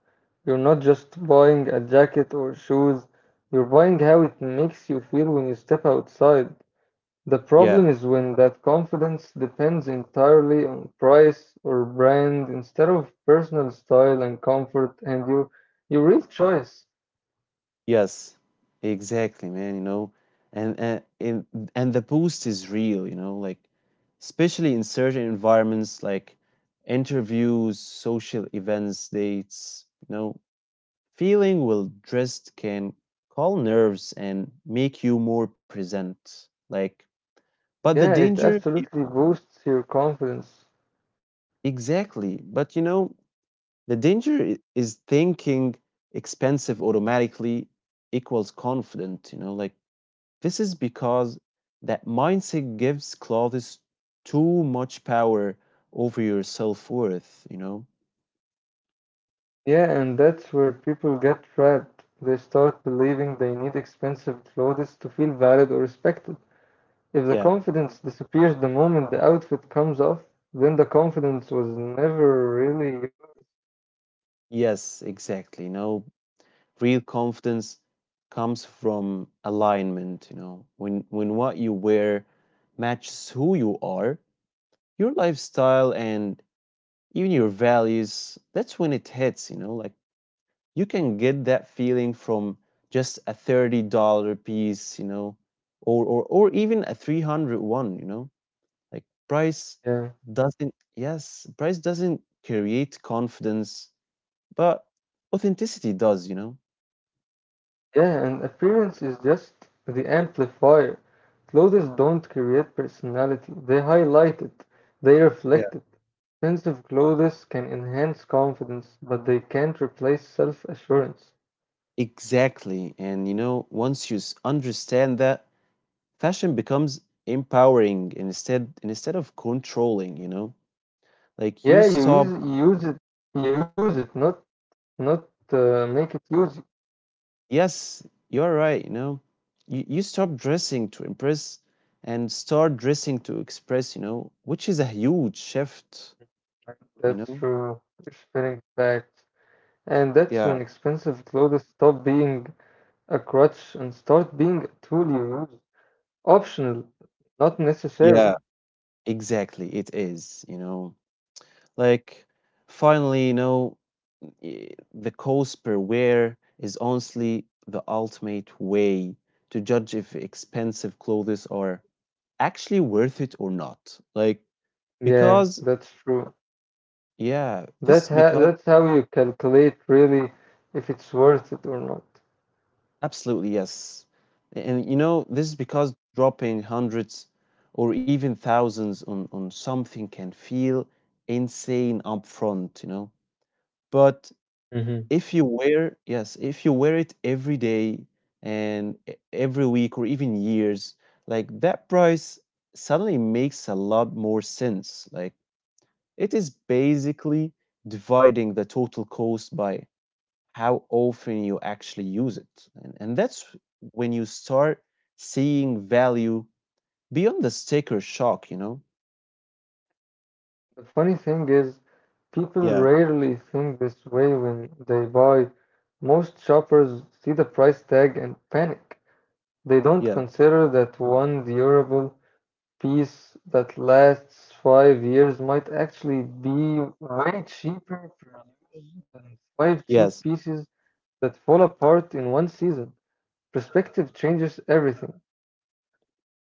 [SPEAKER 2] You're not just buying a jacket or shoes, you're buying how it makes you feel when you step outside. The problem
[SPEAKER 1] Yeah.
[SPEAKER 2] is when that confidence depends entirely on price or brand instead of personal style and comfort and your real choice.
[SPEAKER 1] Yes, exactly, man, you know, and and and and the boost is real, you know, like especially in certain environments like interviews, social events, dates, you know, feeling well dressed can calm nerves and make you more present. Like, but the
[SPEAKER 2] Yeah, it
[SPEAKER 1] danger, I-
[SPEAKER 2] absolutely boosts your confidence.
[SPEAKER 1] exactly, but you know, the danger is thinking expensive automatically equals confident, you know, like. This is because that mindset gives Claudius too much power over your self worth, you know?
[SPEAKER 2] Yeah, and that's where people get trapped. They start believing they need expensive clothes to feel valid or respected. If the
[SPEAKER 1] Yeah.
[SPEAKER 2] confidence disappears the moment the outfit comes off, then the confidence was never really yours.
[SPEAKER 1] Yes, exactly. Real confidence comes from alignment, you know. When what you wear matches who you are, your lifestyle and even your values, that's when it hits, you know, like you can get that feeling from just a $30 piece, or or even a three hundred one, you know? Like
[SPEAKER 2] Yeah.
[SPEAKER 1] price doesn't create confidence, but authenticity does, you know?
[SPEAKER 2] Yeah, and appearance is just the amplifier. Clothes don't create personality, they highlight it, they
[SPEAKER 1] Yeah.
[SPEAKER 2] reflect it. Expensive clothes can enhance confidence, but they can't replace self-assurance.
[SPEAKER 1] Exactly. And once you understand that, fashion becomes empowering instead of controlling, you know? Like you
[SPEAKER 2] Yeah,
[SPEAKER 1] stop
[SPEAKER 2] use it, you use it, not not make it use you.
[SPEAKER 1] Yes, you are right. You stop dressing to impress and start dressing to express, which is a huge shift, you
[SPEAKER 2] That's
[SPEAKER 1] know?
[SPEAKER 2] true. You're spinning facts, and that's
[SPEAKER 1] Yeah,
[SPEAKER 2] when expensive clothes stop being a crutch and start being a tool you use, optional, not
[SPEAKER 1] yeah,
[SPEAKER 2] necessary.
[SPEAKER 1] exactly. It is, you know, like finally, you know, the cost per wear is honestly the ultimate way to judge if expensive clothes are actually worth it or not. Like, because,
[SPEAKER 2] Yeah, that's true.
[SPEAKER 1] yeah, this is because
[SPEAKER 2] That's how you calculate really if it's worth it or not.
[SPEAKER 1] Absolutely, yes. And this is because dropping hundreds or even thousands on something can feel insane upfront, you know. But
[SPEAKER 2] Hmm.
[SPEAKER 1] if you wear it every day and every week or even years, like that price suddenly makes a lot more sense. Like it is basically dividing the total cost by how often you actually use it. And, that's when you start seeing value beyond the sticker shock, you know?
[SPEAKER 2] The funny thing is, people
[SPEAKER 1] Yeah,
[SPEAKER 2] rarely think this way when they buy. Most shoppers see the price tag and panic. They don't
[SPEAKER 1] yeah,
[SPEAKER 2] consider that one durable piece that lasts 5 years might actually be way cheaper per use than five cheap
[SPEAKER 1] yes,
[SPEAKER 2] pieces that fall apart in one season. Perspective changes everything.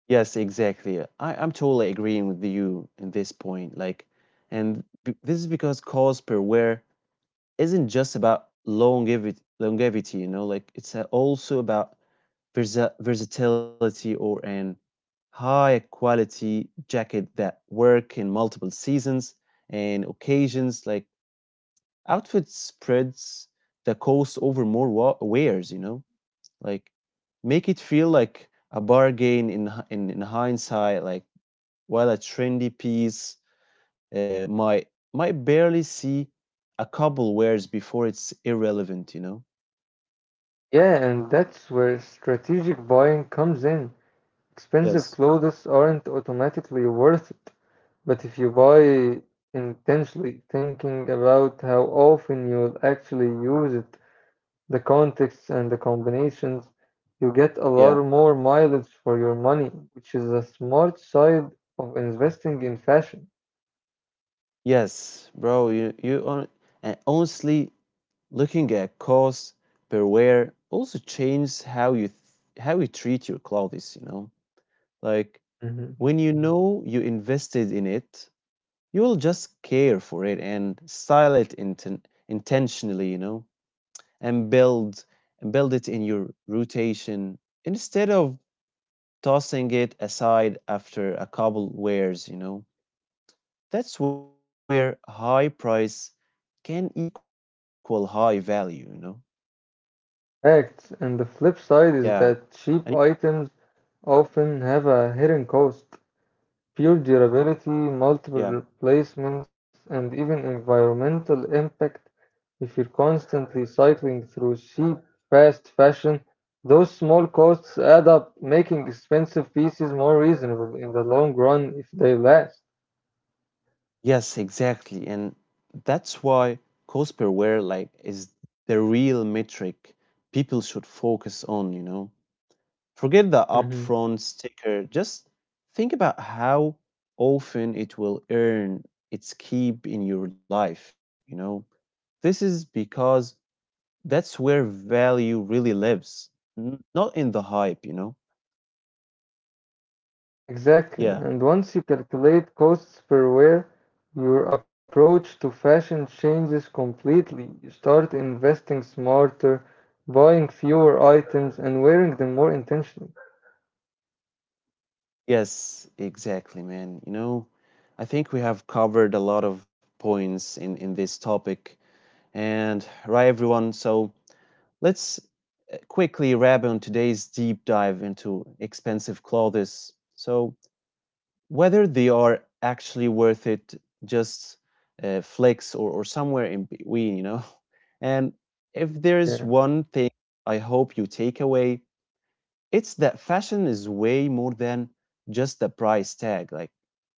[SPEAKER 1] yes, exactly. I'm totally agreeing with you in this point. Like, and this is because cost per wear isn't just about longevity, you know, like it's also about versatility or an high quality jacket that work in multiple seasons and occasions like outfit spreads the cost over more wares, you know, like make it feel like a bargain in in hindsight, like while a trendy piece uh, might might barely see a couple wears before it's irrelevant, you know.
[SPEAKER 2] Yeah, and that's where strategic buying comes in. Expensive
[SPEAKER 1] Yes.
[SPEAKER 2] clothes aren't automatically worth it, but if you buy intentionally, thinking about how often you'll actually use it, the contexts and the combinations, you get a lot
[SPEAKER 1] Yeah,
[SPEAKER 2] more mileage for your money, which is a smart side of investing in fashion.
[SPEAKER 1] yes, bro, you on, and honestly looking at cost per wear also changes how you how you treat your clothes, you know? Like
[SPEAKER 2] Mhm.
[SPEAKER 1] when you know you invested in it, you will just care for it and style it intentionally, you know, and build it in your rotation instead of tossing it aside after a couple wears, you know. That's where high price can equal high value, you know.
[SPEAKER 2] Facts. And the flip
[SPEAKER 1] Yeah.
[SPEAKER 2] side is
[SPEAKER 1] And
[SPEAKER 2] that cheap items often have a hidden cost. Pure durability,
[SPEAKER 1] yeah.
[SPEAKER 2] multiple replacements, and even environmental impact. If you're constantly cycling through cheap, fast fashion, those small costs add up, making expensive pieces more reasonable in the long run if they last.
[SPEAKER 1] Yes, exactly. And that's why cost per wear like is the real metric people should focus on, you know. Forget the
[SPEAKER 2] Hmm.
[SPEAKER 1] upfront sticker. Just think about how often it will earn its keep in your life, you know. This is because that's where value really lives, not in the hype, you know.
[SPEAKER 2] Exactly.
[SPEAKER 1] Yeah.
[SPEAKER 2] And once you calculate costs per wear, your approach to fashion changes completely. You start investing smarter, buying fewer items, and wearing them more intentionally.
[SPEAKER 1] Yes, exactly, man. I think we have covered a lot of points in this topic. And right, everyone, so let's quickly wrap on today's deep dive into expensive clothes. So, whether they are actually worth it, just flex, or somewhere in between, you know? And if there's
[SPEAKER 2] Yeah.
[SPEAKER 1] one thing I hope you take away, it's that fashion is way more than just the price tag. Like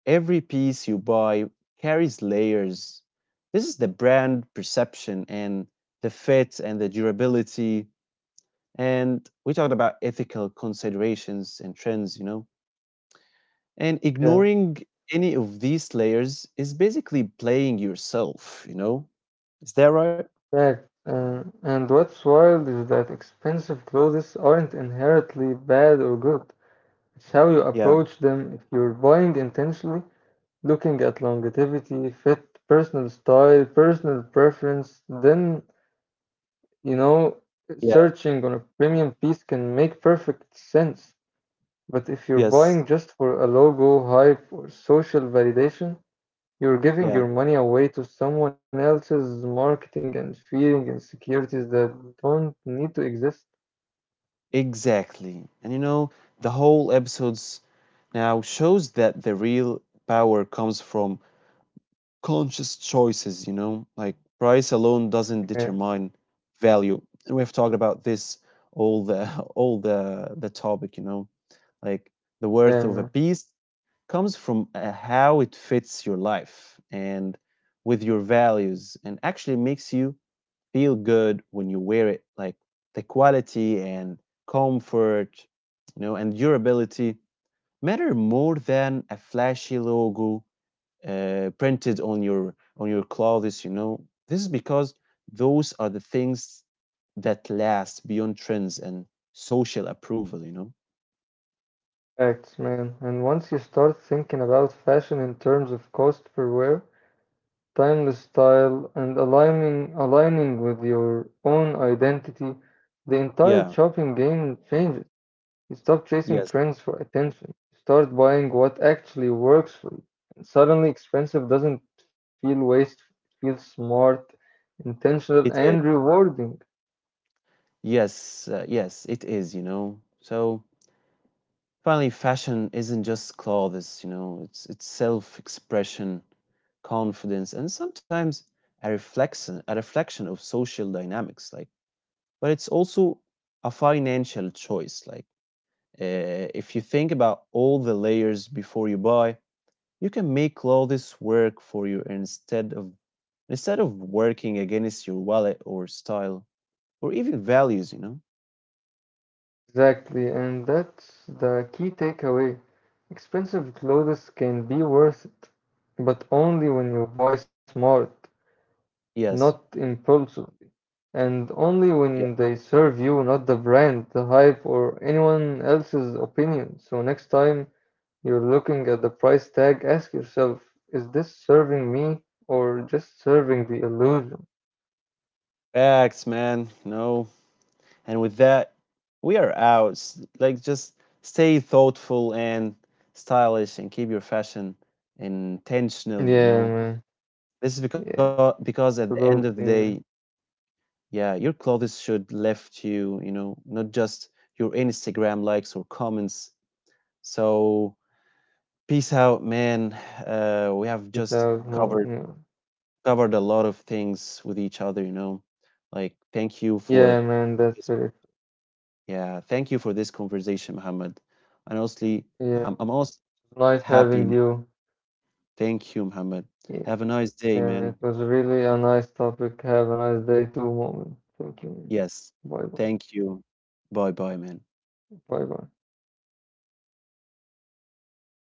[SPEAKER 1] every piece you buy carries layers. This is the brand perception and the fit and the durability. And we talked about ethical considerations and trends, you know. And
[SPEAKER 2] Yeah,
[SPEAKER 1] ignoring any of these layers is basically playing yourself, you know. Is that right?
[SPEAKER 2] fact. And what's wild is that expensive clothes aren't inherently bad or good. It's how you
[SPEAKER 1] Yeah.
[SPEAKER 2] approach them. If you're buying intentionally, looking at longevity, fit, personal style, personal preference, then, you know,
[SPEAKER 1] Yeah.
[SPEAKER 2] searching on a premium piece can make perfect sense. But if you're
[SPEAKER 1] Yes.
[SPEAKER 2] buying just for a logo, hype, or social validation, you're giving
[SPEAKER 1] Yeah.
[SPEAKER 2] your money away to someone else's marketing and feeding insecurities that don't need to exist.
[SPEAKER 1] Exactly. And the whole episodes now shows that the real power comes from conscious choices, you know, like price alone
[SPEAKER 2] Yeah,
[SPEAKER 1] doesn't determine value. And we've talked about this all the all the topic, you know, like the
[SPEAKER 2] yeah,
[SPEAKER 1] worth of
[SPEAKER 2] man.
[SPEAKER 1] a piece comes from how it fits your life and with your values and actually makes you feel good when you wear it, like the quality and comfort, you know, and durability matter more than a flashy logo printed on your clothes, you know. This is because those are the things that last beyond trends and social approval, you know.
[SPEAKER 2] Facts, man. And once you start thinking about fashion in terms of cost per wear, timeless style, and aligning with your own identity, the entire
[SPEAKER 1] Yeah.
[SPEAKER 2] shopping game changes. You stop chasing
[SPEAKER 1] yes
[SPEAKER 2] trends for attention. You start buying what actually works for you. And suddenly, expensive doesn't feel wasteful. It feels smart, intentional, and
[SPEAKER 1] it is
[SPEAKER 2] rewarding.
[SPEAKER 1] yes, yes it is, you know. So finally, fashion isn't just clothes, you know, it's self expression, confidence, and sometimes a reflection of social dynamics. Like, but it's also a financial choice. Like, if you think about all the layers before you buy, you can make all this work for you instead of working against your wallet or style or even values. You know?
[SPEAKER 2] Exactly, and that's the key takeaway. Expensive clothes can be worth it, but only when you buy smart, not
[SPEAKER 1] Yes.
[SPEAKER 2] impulsively, and only when
[SPEAKER 1] Yeah.
[SPEAKER 2] they serve you, not the brand, the hype, or anyone else's opinion. So next time you're looking at the price tag, ask yourself, is this serving me or just serving the illusion?
[SPEAKER 1] Facts, man. No. And with that, we are out. Like, just stay thoughtful and stylish and keep your fashion intentional, you
[SPEAKER 2] Yeah,
[SPEAKER 1] know.
[SPEAKER 2] man.
[SPEAKER 1] This is
[SPEAKER 2] Yeah,
[SPEAKER 1] because at the
[SPEAKER 2] absolutely,
[SPEAKER 1] end of the
[SPEAKER 2] man.
[SPEAKER 1] day, yeah, your clothes should lift you, you know, not just your Instagram likes or comments. So peace out, man. We have
[SPEAKER 2] Get
[SPEAKER 1] just
[SPEAKER 2] out. Yeah.
[SPEAKER 1] covered a lot of things with each other, you know. Like, thank you
[SPEAKER 2] Yeah,
[SPEAKER 1] for
[SPEAKER 2] man, that's really,
[SPEAKER 1] Yeah, thank you for this conversation, Muhammad. And honestly,
[SPEAKER 2] yeah, it
[SPEAKER 1] I'm also
[SPEAKER 2] was nice
[SPEAKER 1] happy
[SPEAKER 2] having
[SPEAKER 1] now.
[SPEAKER 2] you.
[SPEAKER 1] Thank you, Muhammad.
[SPEAKER 2] Yeah,
[SPEAKER 1] Have a nice day,
[SPEAKER 2] yeah,
[SPEAKER 1] man.
[SPEAKER 2] it was really a nice topic. Have a nice day too, moment. Thank you.
[SPEAKER 1] Yes,
[SPEAKER 2] Bye bye.
[SPEAKER 1] thank you. Bye bye, man.
[SPEAKER 2] Bye, bye.